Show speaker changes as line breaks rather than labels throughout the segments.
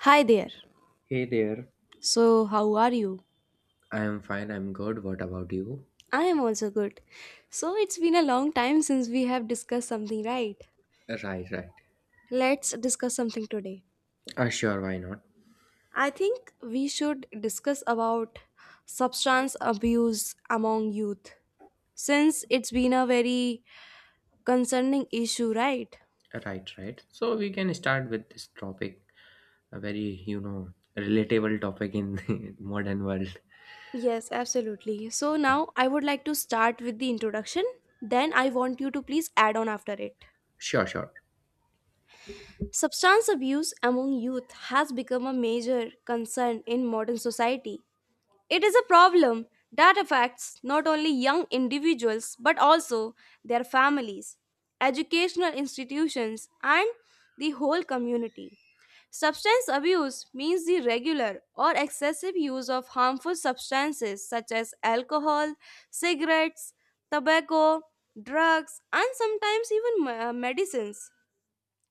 Hi there.
Hey there.
So, how are you?
I am fine. I'm good. What about you?
I am also good. So, it's been a long time since we have discussed something, right?
Right, right.
Let's discuss something today.
Sure, why not?
I think we should discuss about substance abuse among youth since it's been a very concerning issue, right?
Right, right. So we can start with this topic, a very, relatable topic in the modern world.
Yes, absolutely. So, now I would like to start with the introduction. Then, I want you to please add on after it.
Sure, sure.
Substance abuse among youth has become a major concern in modern society. It is a problem that affects not only young individuals but also their families, educational institutions, and the whole community. Substance abuse means the regular or excessive use of harmful substances such as alcohol, cigarettes, tobacco, drugs, and sometimes even medicines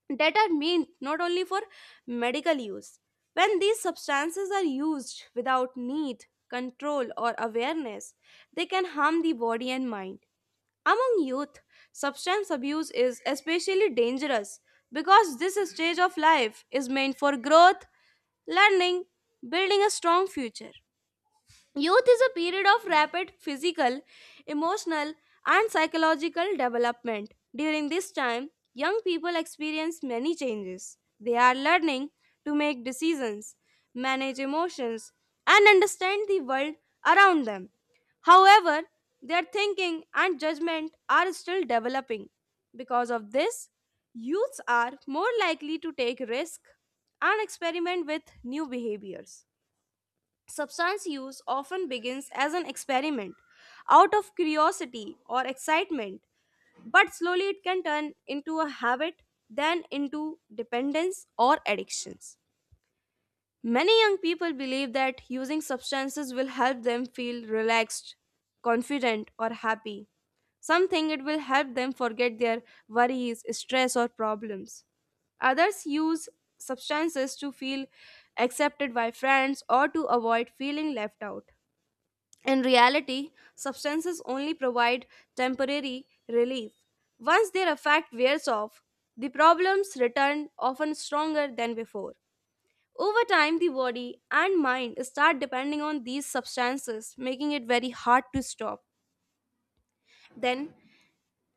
that are meant not only for medical use. When these substances are used without need, control, or awareness, they can harm the body and mind. Among youth, substance abuse is especially dangerous because this stage of life is meant for growth, learning, building a strong future. Youth is a period of rapid physical, emotional, and psychological development. During this time, young people experience many changes. They are learning to make decisions, manage emotions, and understand the world around them. However, their thinking and judgment are still developing. Because of this, youths are more likely to take risks and experiment with new behaviors. Substance use often begins as an experiment out of curiosity or excitement, but slowly it can turn into a habit, then into dependence or addictions. Many young people believe that using substances will help them feel relaxed, confident, or happy. Some think it will help them forget their worries, stress, or problems. Others use substances to feel accepted by friends or to avoid feeling left out. In reality, substances only provide temporary relief. Once their effect wears off, the problems return often stronger than before. Over time, the body and mind start depending on these substances, making it very hard to stop. Then,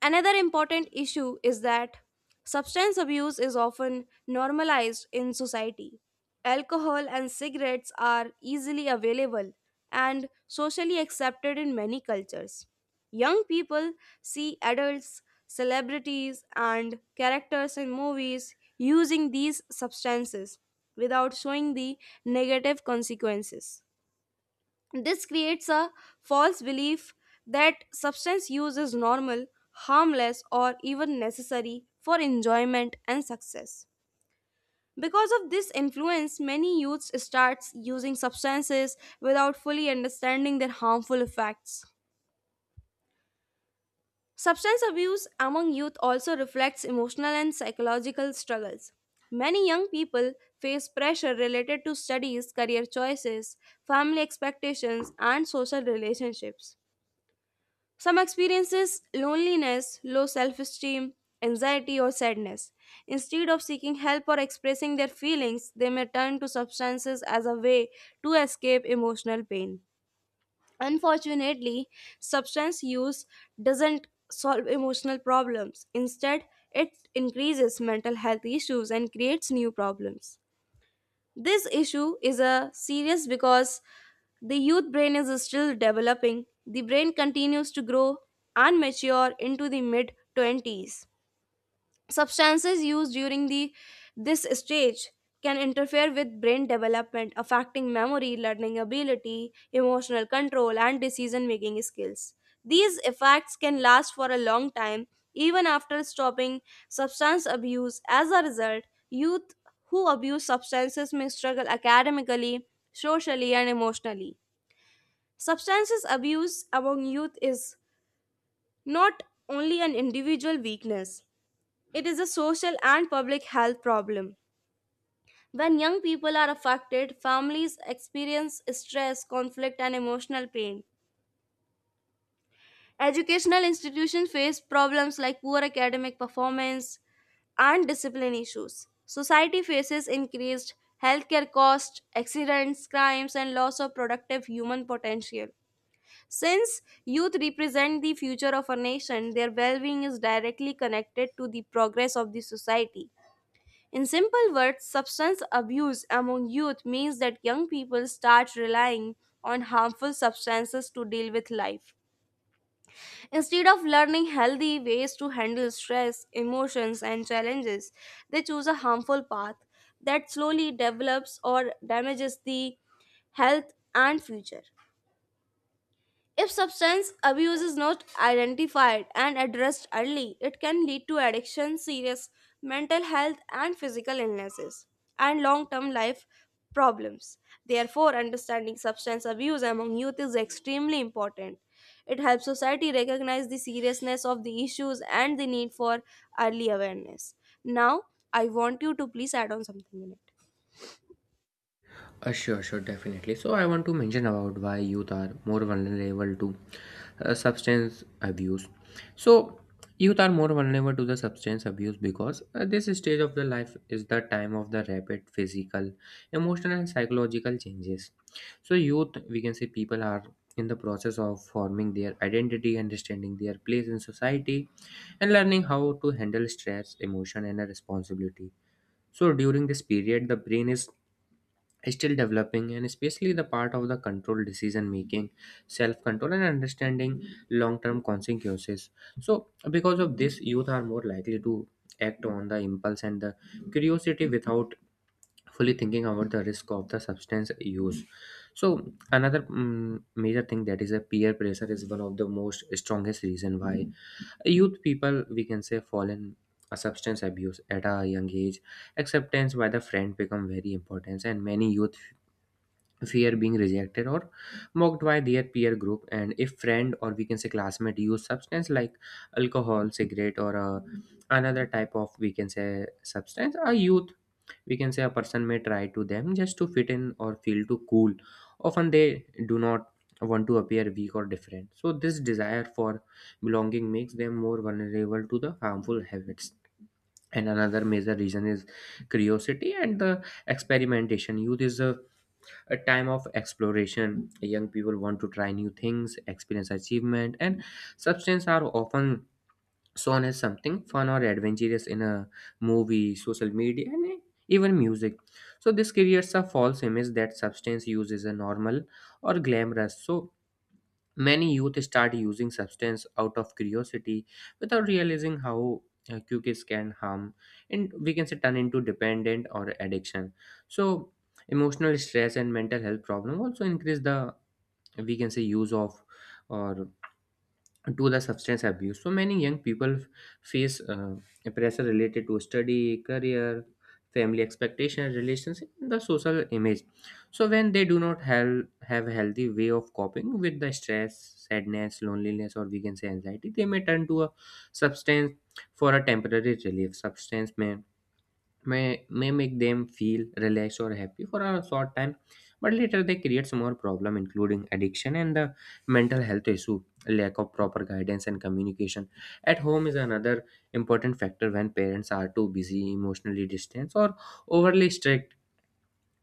another important issue is that substance abuse is often normalized in society. Alcohol and cigarettes are easily available and socially accepted in many cultures. Young people see adults, celebrities, and characters in movies using these substances without showing the negative consequences. This creates a false belief that substance use is normal, harmless, or even necessary for enjoyment and success. Because of this influence, many youths starts using substances without fully understanding their harmful effects. Substance abuse among youth also reflects emotional and psychological struggles. Many young people face pressure related to studies, career choices, family expectations, and social relationships. Some experiences loneliness, low self esteem, anxiety, or sadness. Instead of seeking help or expressing their feelings, they may turn to substances as a way to escape emotional pain. Unfortunately, substance use doesn't solve emotional problems. Instead, it increases mental health issues and creates new problems. This issue is a serious because the youth brain is still developing. The brain continues to grow and mature into the mid 20s. Substances used during the this stage can interfere with brain development, affecting memory, learning ability, emotional control, and decision making skills. These effects can last for a long time, even after stopping substance abuse. As a result, youth who abuse substances may struggle academically, socially, and emotionally. Substances abuse among youth is not only an individual weakness, it is a social and public health problem. When young people are affected, families experience stress, conflict, and emotional pain. Educational institutions face problems like poor academic performance and discipline issues. Society faces increased healthcare costs, accidents, crimes, and loss of productive human potential. Since youth represent the future of a nation, their well being is directly connected to the progress of the society. In simple words, substance abuse among youth means that young people start relying on harmful substances to deal with life. Instead of learning healthy ways to handle stress, emotions, and challenges, they choose a harmful path that slowly develops or damages the health and future. If substance abuse is not identified and addressed early, it can lead to addiction, serious mental health and physical illnesses, and long term life problems. Therefore, understanding substance abuse among youth is extremely important. It helps society recognize the seriousness of the issues and the need for early awareness. Now, I want you to please add on something in it.
Sure, sure, definitely. So, I want to mention about why youth are more vulnerable to substance abuse. So, youth are more vulnerable to the substance abuse because this stage of the life is the time of the rapid physical, emotional, and psychological changes. So, youth, we can say, people are in the process of forming their identity, understanding their place in society, and learning how to handle stress, emotion, and a responsibility. So, during this period, the brain is still developing, and especially the part of the control, decision making, self control, and understanding long term consequences. So because of this, youth are more likely to act on the impulse and the curiosity without fully thinking about the risk of the substance use. So another major thing, that is, a peer pressure is one of the most strongest reason why youth people, we can say, fall in a substance abuse at a young age. Acceptance by the friend become very important, and many youth fear being rejected or mocked by their peer group. And if friend, or we can say classmate, use substance like alcohol, cigarette, or another type of, we can say, substance, a youth, we can say a person, may try to them just to fit in or feel too cool. Often they do not want to appear weak or different, so this desire for belonging makes them more vulnerable to the harmful habits. And another major reason is curiosity and the experimentation. Youth is a time of exploration. Young people want to try new things, experience achievement, and substance are often shown as something fun or adventurous in a movie, social media, and even music. So this creates a false image that substance use is a normal or glamorous. So many youth start using substance out of curiosity without realizing how cookies can harm and, we can say, turn into dependent or addiction. So emotional stress and mental health problem also increase the, we can say, use of or to the substance abuse. So many young people face pressure related to study, career, family expectations, relationship, and the social image. So when they do not have a healthy way of coping with the stress, sadness, loneliness, or we can say anxiety, they may turn to a substance for a temporary relief. Substance may may make them feel relaxed or happy for a short time, but later they create more problem including addiction and the mental health issue. Lack of proper guidance and communication at home is another important factor. When parents are too busy, emotionally distant, or overly strict,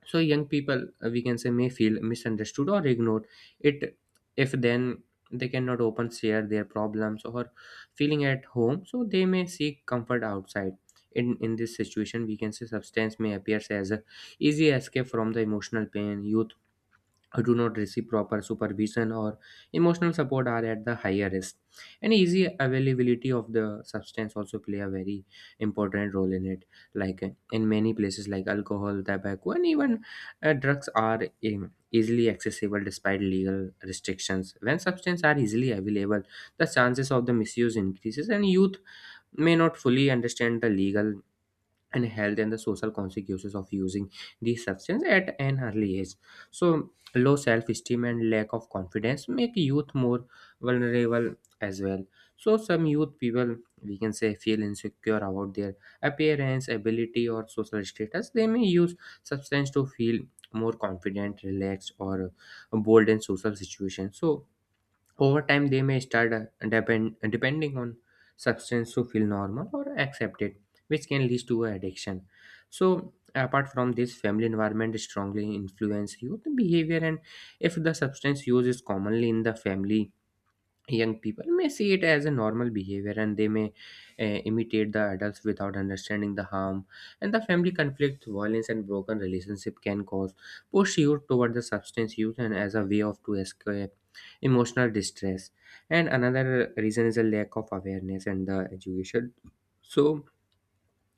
so young people we can say may feel misunderstood or ignored. It, if then they cannot open share their problems or feeling at home, so they may seek comfort outside. In this situation, we can say substance may appear as a easy escape from the emotional pain. Youth who do not receive proper supervision or emotional support are at the higher risk. And easy availability of the substance also play a very important role in it. Like in many places, like alcohol, tobacco, and even drugs are easily accessible despite legal restrictions. When substances are easily available, the chances of the misuse increases, and youth may not fully understand the legal and health and the social consequences of using these substances at an early age. So, low self esteem and lack of confidence make youth more vulnerable as well. So, some youth people, we can say, feel insecure about their appearance, ability, or social status. They may use substance to feel more confident, relaxed, or bold in social situations. So, over time, they may start depending on substance to feel normal or accepted, which can lead to addiction. So, apart from this, family environment strongly influence youth behavior. And if the substance use is commonly in the family, young people may see it as a normal behavior, and they may imitate the adults without understanding the harm. And the family conflict, violence, and broken relationship can cause push you toward the substance use and as a way of to escape emotional distress. And another reason is a lack of awareness and the education. So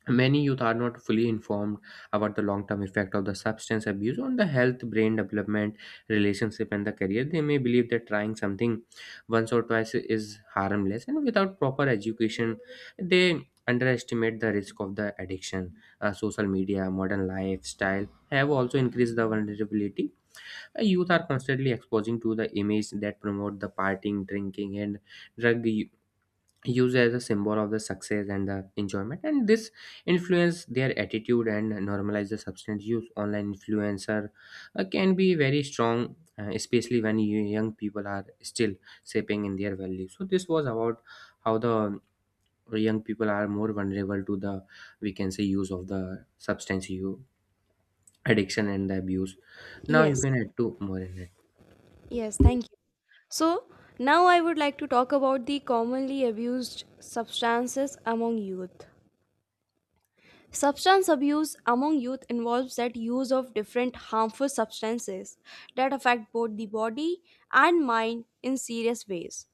many youth are not fully informed about the long term effect of the substance abuse on the health, brain development, relationship, and the career. They may believe that trying something once or twice is harmless, and without proper education, they underestimate the risk of the addiction. Social media, modern lifestyle have also increased the vulnerability. Youth are constantly exposing to the image that promote the partying, drinking, and drug used as a symbol of the success and the enjoyment, and this influence their attitude and normalize the substance use. Online influencer can be very strong, especially when young people are still shaping in their values. So this was about how the young people are more vulnerable to the, we can say, use of the substance use, addiction, and the abuse. Now you
Yes,
can add to more in it.
yes, thank you. So, now I would like to talk about the commonly abused substances among youth. Substance abuse among youth involves that use of different harmful substances that affect both the body and mind in serious ways.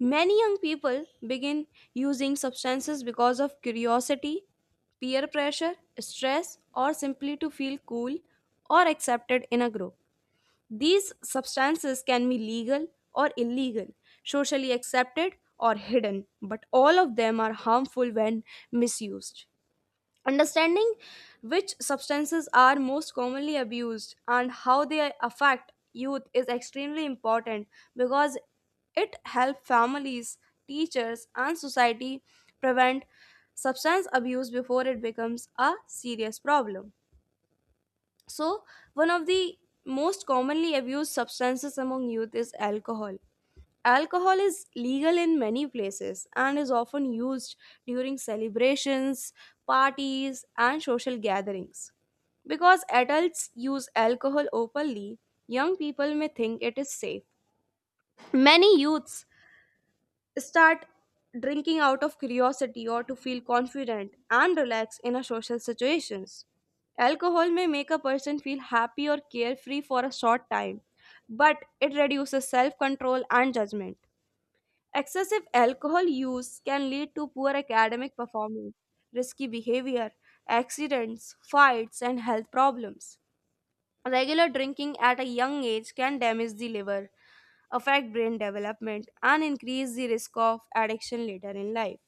Many young people begin using substances because of curiosity, peer pressure, stress, or simply to feel cool or accepted in a group. These substances can be legal or illegal, socially accepted or hidden, but all of them are harmful when misused. Understanding which substances are most commonly abused and how they affect youth is extremely important because it helps families, teachers, and society prevent substance abuse before it becomes a serious problem. So, one of the most commonly abused substances among youth is alcohol. Alcohol is legal in many places and is often used during celebrations, parties, and social gatherings. Because adults use alcohol openly, young people may think it is safe. Many youths start drinking out of curiosity or to feel confident and relaxed in a social situations. Alcohol may make a person feel happy or carefree for a short time, but it reduces self-control and judgment. Excessive alcohol use can lead to poor academic performance, risky behavior, accidents, fights, and health problems. Regular drinking at a young age can damage the liver, affect brain development, and increase the risk of addiction later in life.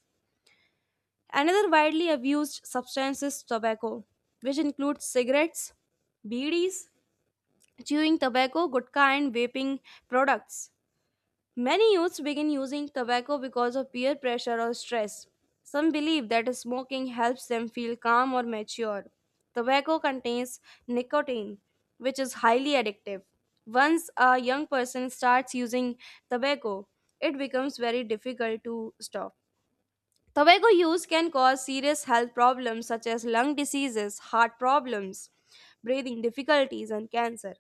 Another widely abused substance is tobacco, which includes cigarettes, BDs, chewing tobacco, gutka, and vaping products. Many youths begin using tobacco because of peer pressure or stress. Some believe that smoking helps them feel calm or mature. Tobacco contains nicotine, which is highly addictive. Once a young person starts using tobacco, it becomes very difficult to stop. Tobacco use can cause serious health problems such as lung diseases, heart problems, breathing difficulties, and cancer.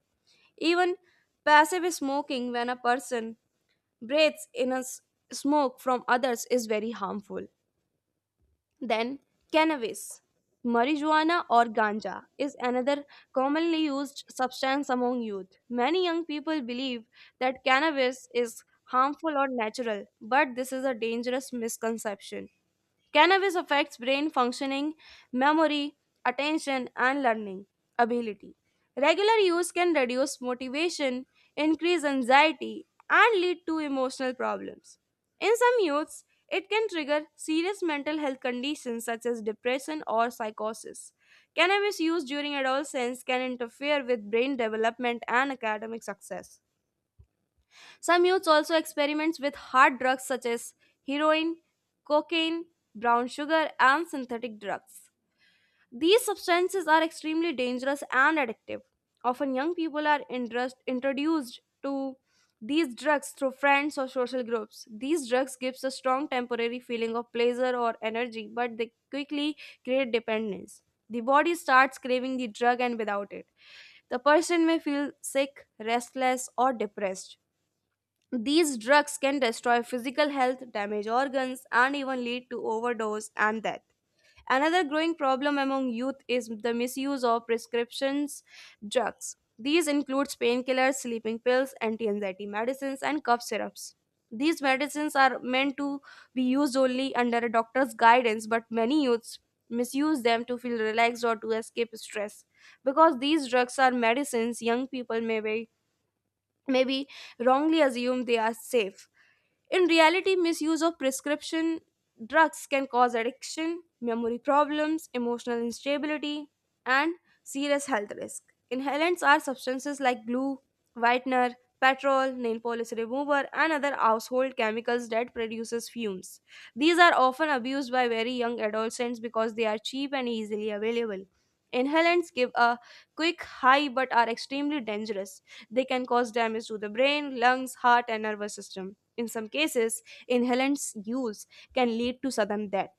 Even passive smoking, when a person breathes in smoke from others is very harmful. Then, cannabis, marijuana, or ganja is another commonly used substance among youth. Many young people believe that cannabis is harmful or natural, but this is a dangerous misconception. Cannabis affects brain functioning, memory, attention, and learning ability. Regular use can reduce motivation, increase anxiety, and lead to emotional problems. In some youths, it can trigger serious mental health conditions such as depression or psychosis. Cannabis use during adolescence can interfere with brain development and academic success. Some youths also experiments with hard drugs such as heroin, cocaine, brown sugar, and synthetic drugs. These substances are extremely dangerous and addictive. Often, young people are introduced to these drugs through friends or social groups. These drugs gives a strong temporary feeling of pleasure or energy, but they quickly create dependence. The body starts craving the drug, and without it, the person may feel sick, restless, or depressed. These drugs can destroy physical health, damage organs, and even lead to overdose and death. Another growing problem among youth is the misuse of prescriptions drugs. These include painkillers, sleeping pills, anti anxiety medicines, and cough syrups. These medicines are meant to be used only under a doctor's guidance, but many youths misuse them to feel relaxed or to escape stress. Because these drugs are medicines, young people may be wrongly assume they are safe in reality, misuse of prescription drugs can cause addiction, memory problems, emotional instability, and serious health risk. Inhalants are substances like glue, whitener, petrol, nail polish remover, and other household chemicals that produces fumes. These are often abused by very young adolescents because they are cheap and easily available. Inhalants give a quick high but are extremely dangerous. They can cause damage to the brain, lungs, heart, and nervous system. In some cases, inhalants use can lead to sudden death.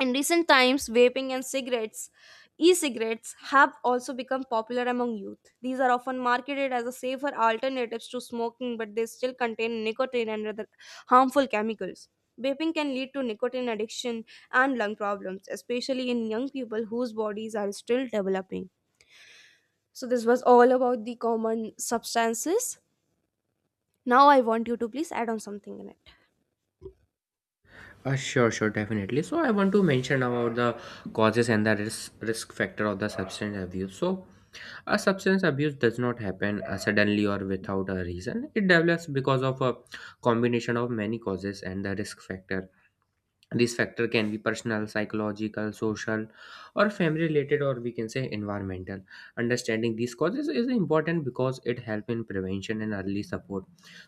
In recent times, vaping and cigarettes, e-cigarettes have also become popular among youth. These are often marketed as a safer alternatives to smoking, but they still contain nicotine and other harmful chemicals. Vaping can lead to nicotine addiction and lung problems, especially in young people whose bodies are still developing. So this was all about the common substances. Now I want you to please add on something in it.
Sure, sure, definitely. So I want to mention about the causes and the risk factor of the substance abuse. So a substance abuse does not happen suddenly or without a reason. It develops because of a combination of many causes and the risk factor. These factor can be personal, psychological, social, or family related, or we can say environmental. Understanding these causes is important because it helps in prevention and early support.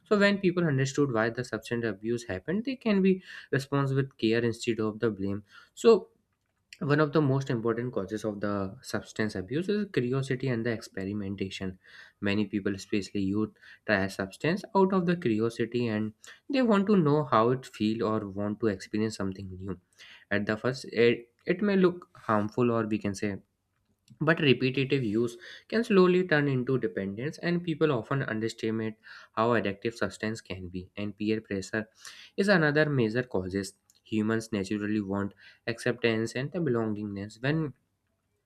So when people understood why the substance abuse happened, they can be response with care instead of the blame. So one of the most important causes of the substance abuse is curiosity and the experimentation. Many people, especially youth, try a substance out of the curiosity, and they want to know how it feels or want to experience something new. At the first, it may look harmful or we can say, but repetitive use can slowly turn into dependence, and people often underestimate how addictive substance can be. And peer pressure is another major causes. Humans naturally want acceptance and the belongingness. When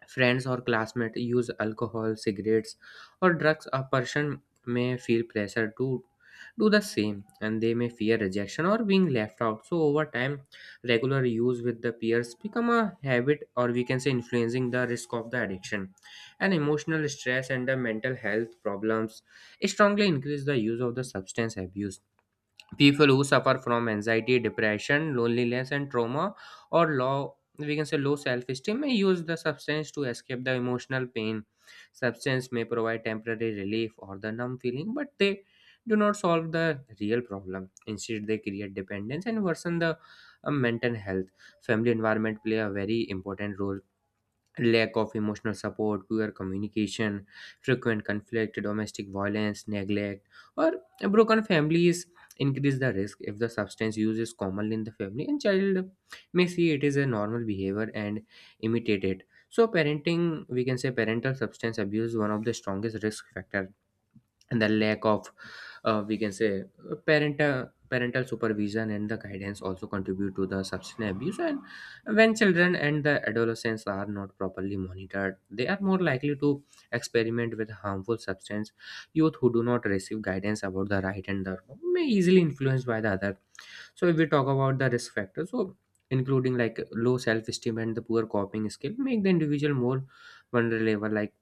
friends or classmates use alcohol, cigarettes, or drugs, a person may feel pressure to do the same, and they may fear rejection or being left out. So, over time, regular use with the peers become a habit, or we can say influencing the risk of the addiction. And emotional stress and the mental health problems strongly increase the use of the substance abuse. People who suffer from anxiety, depression, loneliness, and trauma, or low, we can say, low self-esteem may use the substance to escape the emotional pain. Substance may provide temporary relief or the numb feeling, but they do not solve the real problem. Instead, they create dependence and worsen the mental health. Family environment play a very important role. Lack of emotional support, poor communication, frequent conflict, domestic violence, neglect, or broken families increase the risk. If the substance use is common in the family, and child may see it is a normal behavior and imitate it. So parenting, we can say parental substance abuse, one of the strongest risk factor. And the lack of we can say parental supervision and the guidance also contribute to the substance abuse. And when children and the adolescents are not properly monitored, they are more likely to experiment with harmful substance. Youth who do not receive guidance about the right and the wrong may easily influenced by the other. So if we talk about the risk factors, so including like low self-esteem and the poor coping skill make the individual more vulnerable. Like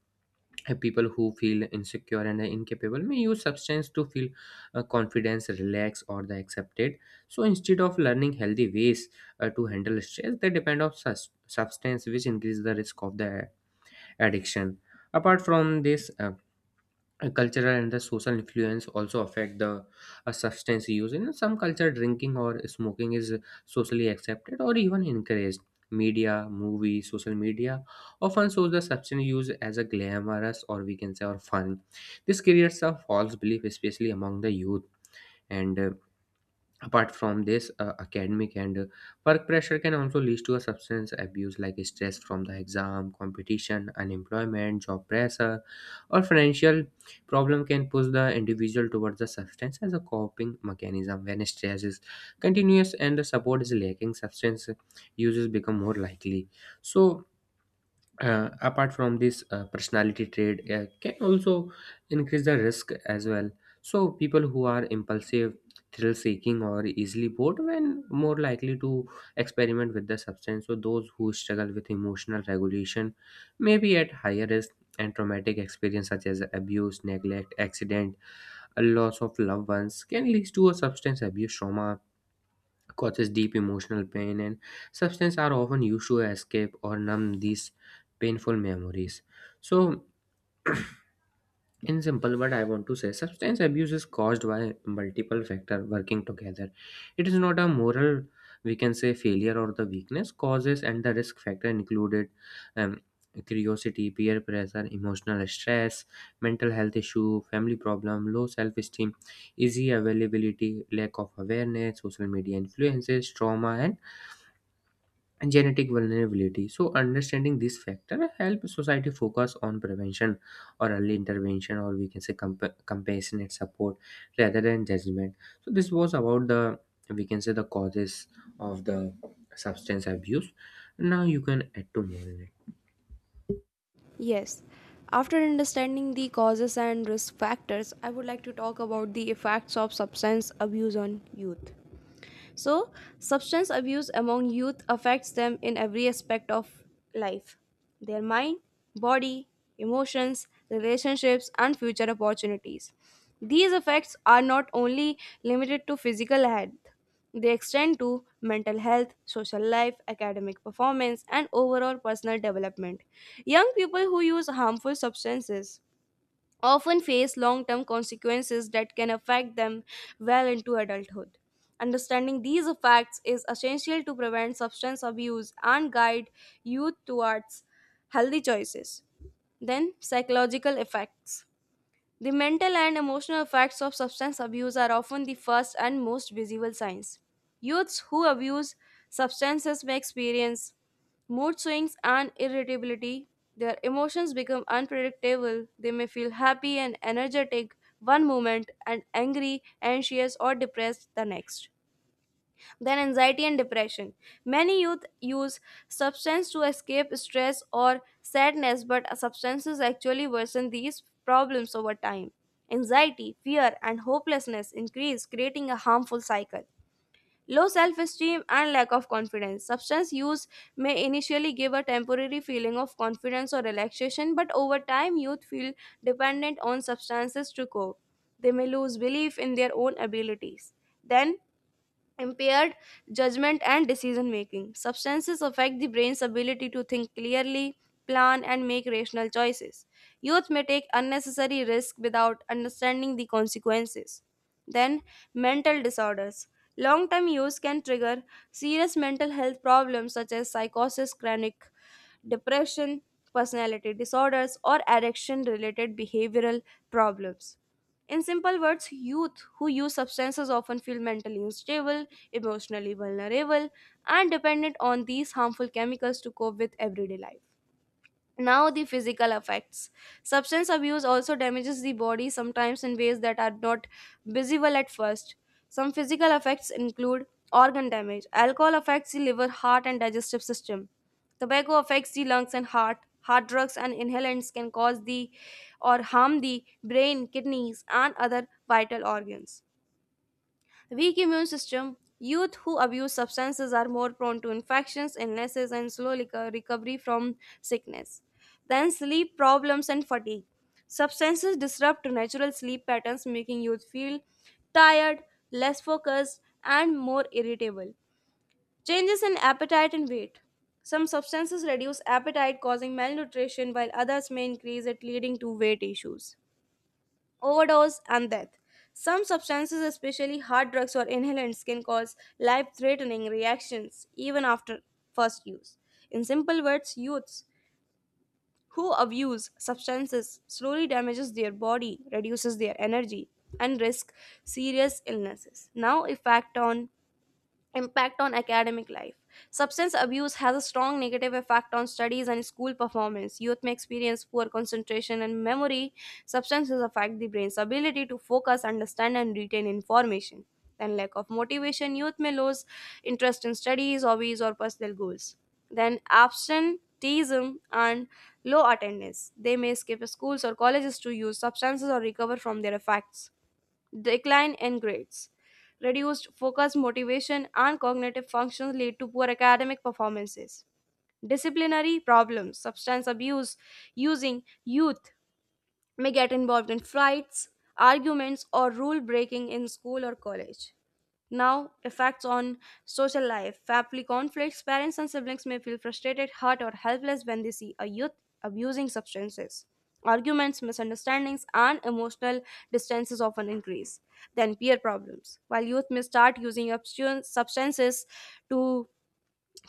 people who feel insecure and incapable may use substance to feel confidence, relax, or the accepted. So instead of learning healthy ways to handle stress, they depend on substance, which increase the risk of the addiction. Apart from this, cultural and the social influence also affect the substance use. In some culture, drinking or smoking is socially accepted or even encouraged. Media, movie, social media often shows the substance use as a glamorous, or we can say or fun. This creates a false belief, especially among the youth. And apart from this, academic and work pressure can also lead to a substance abuse. Like stress from the exam, competition, unemployment, job pressure, or financial problem can push the individual towards the substance as a coping mechanism. When stress is continuous and the support is lacking, substance uses become more likely. So apart from this, personality trait can also increase the risk as well. So people who are impulsive, thrill seeking, or easily bored when more likely to experiment with the substance. So those who struggle with emotional regulation may be at higher risk. And traumatic experience such as abuse, neglect, accident, a loss of loved ones can lead to a substance abuse. Trauma causes deep emotional pain, and substances are often used to escape or numb these painful memories. So, in simple, what I want to say, substance abuse is caused by multiple factors working together. It is not a moral, we can say, failure or the weakness. Causes and the risk factor included um, curiosity, peer pressure, emotional stress, mental health issue, family problem, low self-esteem, easy availability, lack of awareness, social media influences, trauma, and genetic vulnerability. So, understanding this factor help society focus on prevention or early intervention, or we can say compassionate support rather than judgment. So, this was about the, we can say, the causes of the substance abuse. Now, you can add to more in it.
Yes. After understanding the causes and risk factors, I would like to talk about the effects of substance abuse on youth. So, substance abuse among youth affects them in every aspect of life their mind, body, emotions, relationships, and future opportunities. These effects are not only limited to physical health, they extend to mental health, social life, academic performance, and overall personal development. Young people who use harmful substances often face long term consequences that can affect them well into adulthood. Understanding these effects is essential to prevent substance abuse and guide youth towards healthy choices. Then, psychological effects. The mental and emotional effects of substance abuse are often the first and most visible signs. Youths who abuse substances may experience mood swings and irritability. Their emotions become unpredictable. They may feel happy and energetic one moment and angry, anxious, or depressed the next. Then anxiety and depression. Many youth use substance to escape stress or sadness, but substances actually worsen these problems over time. Anxiety, fear, and hopelessness increase, creating a harmful cycle. Low self esteem and lack of confidence. Substance use may initially give a temporary feeling of confidence or relaxation, but over time, youth feel dependent on substances to cope. They may lose belief in their own abilities. Then, impaired judgment and decision making. Substances affect the brain's ability to think clearly, plan, and make rational choices. Youth may take unnecessary risks without understanding the consequences. Then, mental disorders. Long term use can trigger serious mental health problems such as psychosis, chronic depression, personality disorders, or addiction related behavioral problems. In simple words, youth who use substances often feel mentally unstable, emotionally vulnerable, and dependent on these harmful chemicals to cope with everyday life. Now, the physical effects. Substance abuse also damages the body sometimes in ways that are not visible at first. Some physical effects include organ damage. Alcohol affects the liver, heart, and digestive system. Tobacco affects the lungs and heart. Hard drugs and inhalants can cause the or harm the brain, kidneys, and other vital organs. Weak immune system. Youth who abuse substances are more prone to infections, illnesses, and slow recovery from sickness. Then, sleep problems and fatigue. Substances disrupt natural sleep patterns, making youth feel tired, less focused, and more irritable. Changes in appetite and weight. Some substances reduce appetite, causing malnutrition, while others may increase it, leading to weight issues overdose, and death. Some substances, especially hard drugs or inhalants, can cause life threatening reactions even after first use. In simple words, youths who abuse substances slowly damages their body, reduces their energy, and risk serious illnesses. Now, a fact on impact on academic life. Substance abuse has a strong negative effect on studies and school performance. Youth may experience poor concentration and memory. Substances affect the brain's ability to focus, understand, and retain information. Then, lack of motivation. Youth may lose interest in studies, hobbies, or personal goals. Then absenteeism and low attendance. They may skip schools or colleges to use substances or recover from their effects. Decline in grades, reduced focus, motivation, and cognitive functions lead to poor academic performances. Disciplinary problems, substance abuse, using youth may get involved in fights, arguments, or rule breaking in school or college. Now, effects on social life, family conflicts, parents and siblings may feel frustrated, hurt, or helpless when they see a youth abusing substances. Arguments, misunderstandings, and emotional distances often increase. Then, peer problems. While youth may start using substances to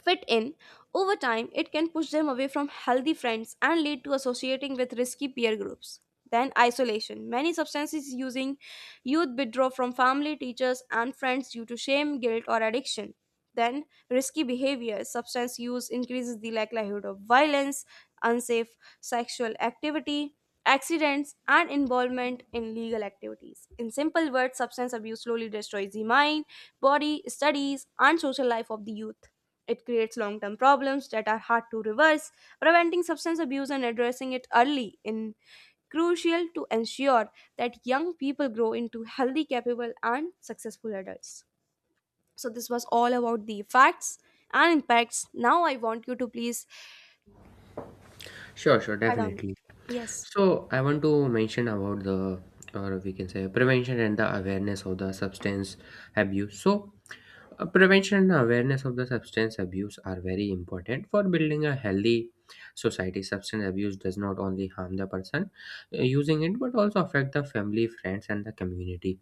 fit in, over time it can push them away from healthy friends and lead to associating with risky peer groups. Then isolation. Many substances using youth withdraw from family, teachers, and friends due to shame, guilt, or addiction. Then risky behavior. Substance use increases the likelihood of violence, unsafe sexual activity, accidents, and involvement in legal activities. In simple words, substance abuse slowly destroys the mind, body, studies, and social life of the youth. It creates long term problems that are hard to reverse. Preventing substance abuse and addressing it early in crucial to ensure that young people grow into healthy, capable, and successful adults. So, this was all about the facts and impacts. Now, I want you to please
Sure, sure,
add on.
definitely.
Yes,
So, I want to mention about the, or we can say, prevention and the awareness of the substance abuse. So, prevention and awareness of the substance abuse are very important for building a healthy society. Substance abuse does not only harm the person using it, but also affect the family, friends, and the community.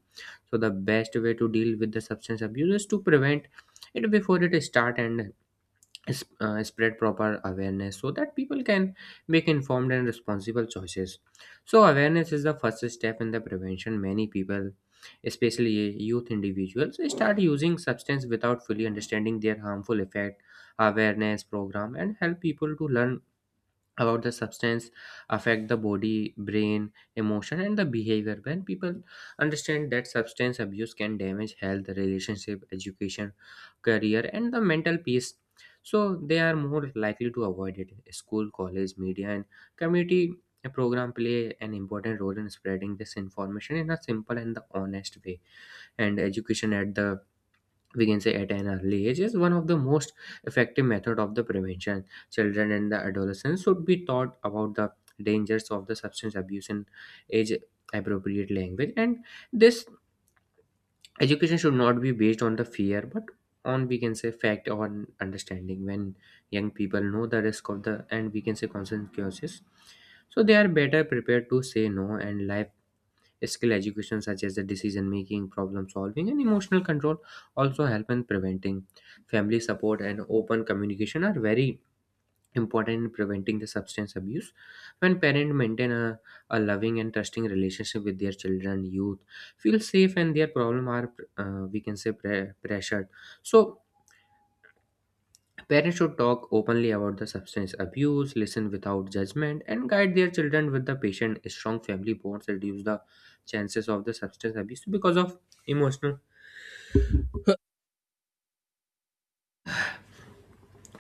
So the best way to deal with the substance abuse is to prevent it before it start and spread proper awareness so that people can make informed and responsible choices. So awareness is the first step in the prevention. Many people, especially youth individuals, start using substance without fully understanding their harmful effect. Awareness program and help people to learn about the substance affect the body, brain, emotion, and the behavior. When people understand that substance abuse can damage health, relationship, education, career, and the mental peace, so they are more likely to avoid it. School, college, media, and community program play an important role in spreading this information in a simple and the honest way. And education at the, we can say, at an early age is one of the most effective method of the prevention. Children and the adolescents should be taught about the dangers of the substance abuse in age appropriate language, and this education should not be based on the fear, but on, we can say, fact or understanding. When young people know the risk of the, and we can say consequences, so they are better prepared to say no. And life skill education, such as the decision making, problem solving, and emotional control, also help in preventing. Family support and open communication are very important in preventing the substance abuse. When parents maintain a loving and trusting relationship with their children, youth feel safe and their problem are, we can say, pressured. So parents should talk openly about the substance abuse, listen without judgment, and guide their children with the patient. Strong family bonds reduce the chances of the substance abuse because of emotional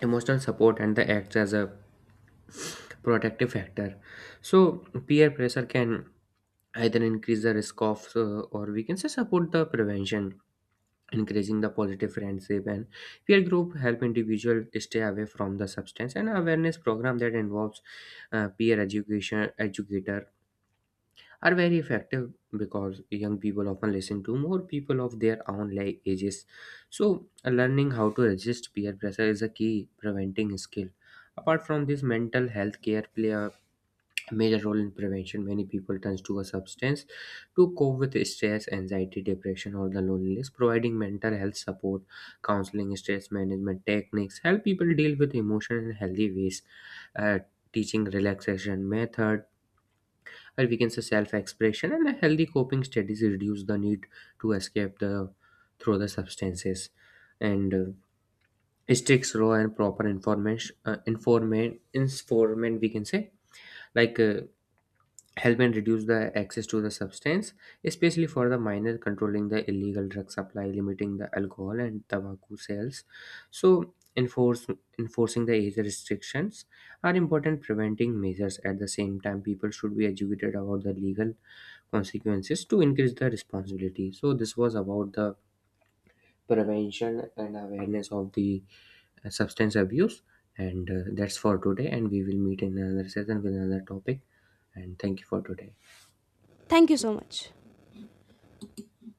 emotional support and the acts as a protective factor. So peer pressure can either increase the risk of, or we can say support the prevention. Encouraging the positive friendship and peer group help individual stay away from the substance. And awareness program that involves peer education educator are very effective because young people often listen to more people of their own like ages. So, learning how to resist peer pressure is a key preventing skill. Apart from this, mental health care play a major role in prevention. Many people turns to a substance to cope with stress, anxiety, depression, or the loneliness. Providing mental health support, counseling, stress management techniques help people deal with emotion in healthy ways. Uh, teaching relaxation method, or we can say self-expression and a healthy coping strategies, reduce the need to escape the through the substances. And it takes raw and proper information, informant, we can say, like, help and reduce the access to the substance, especially for the minor, controlling the illegal drug supply, limiting the alcohol and tobacco sales. So enforce enforcing the age restrictions are important preventing measures. At the same time, people should be educated about the legal consequences to increase the responsibility. So this was about the prevention and awareness of the substance abuse. And that's for today, and we will meet in another session with another topic. And thank you for today.
thank you so much.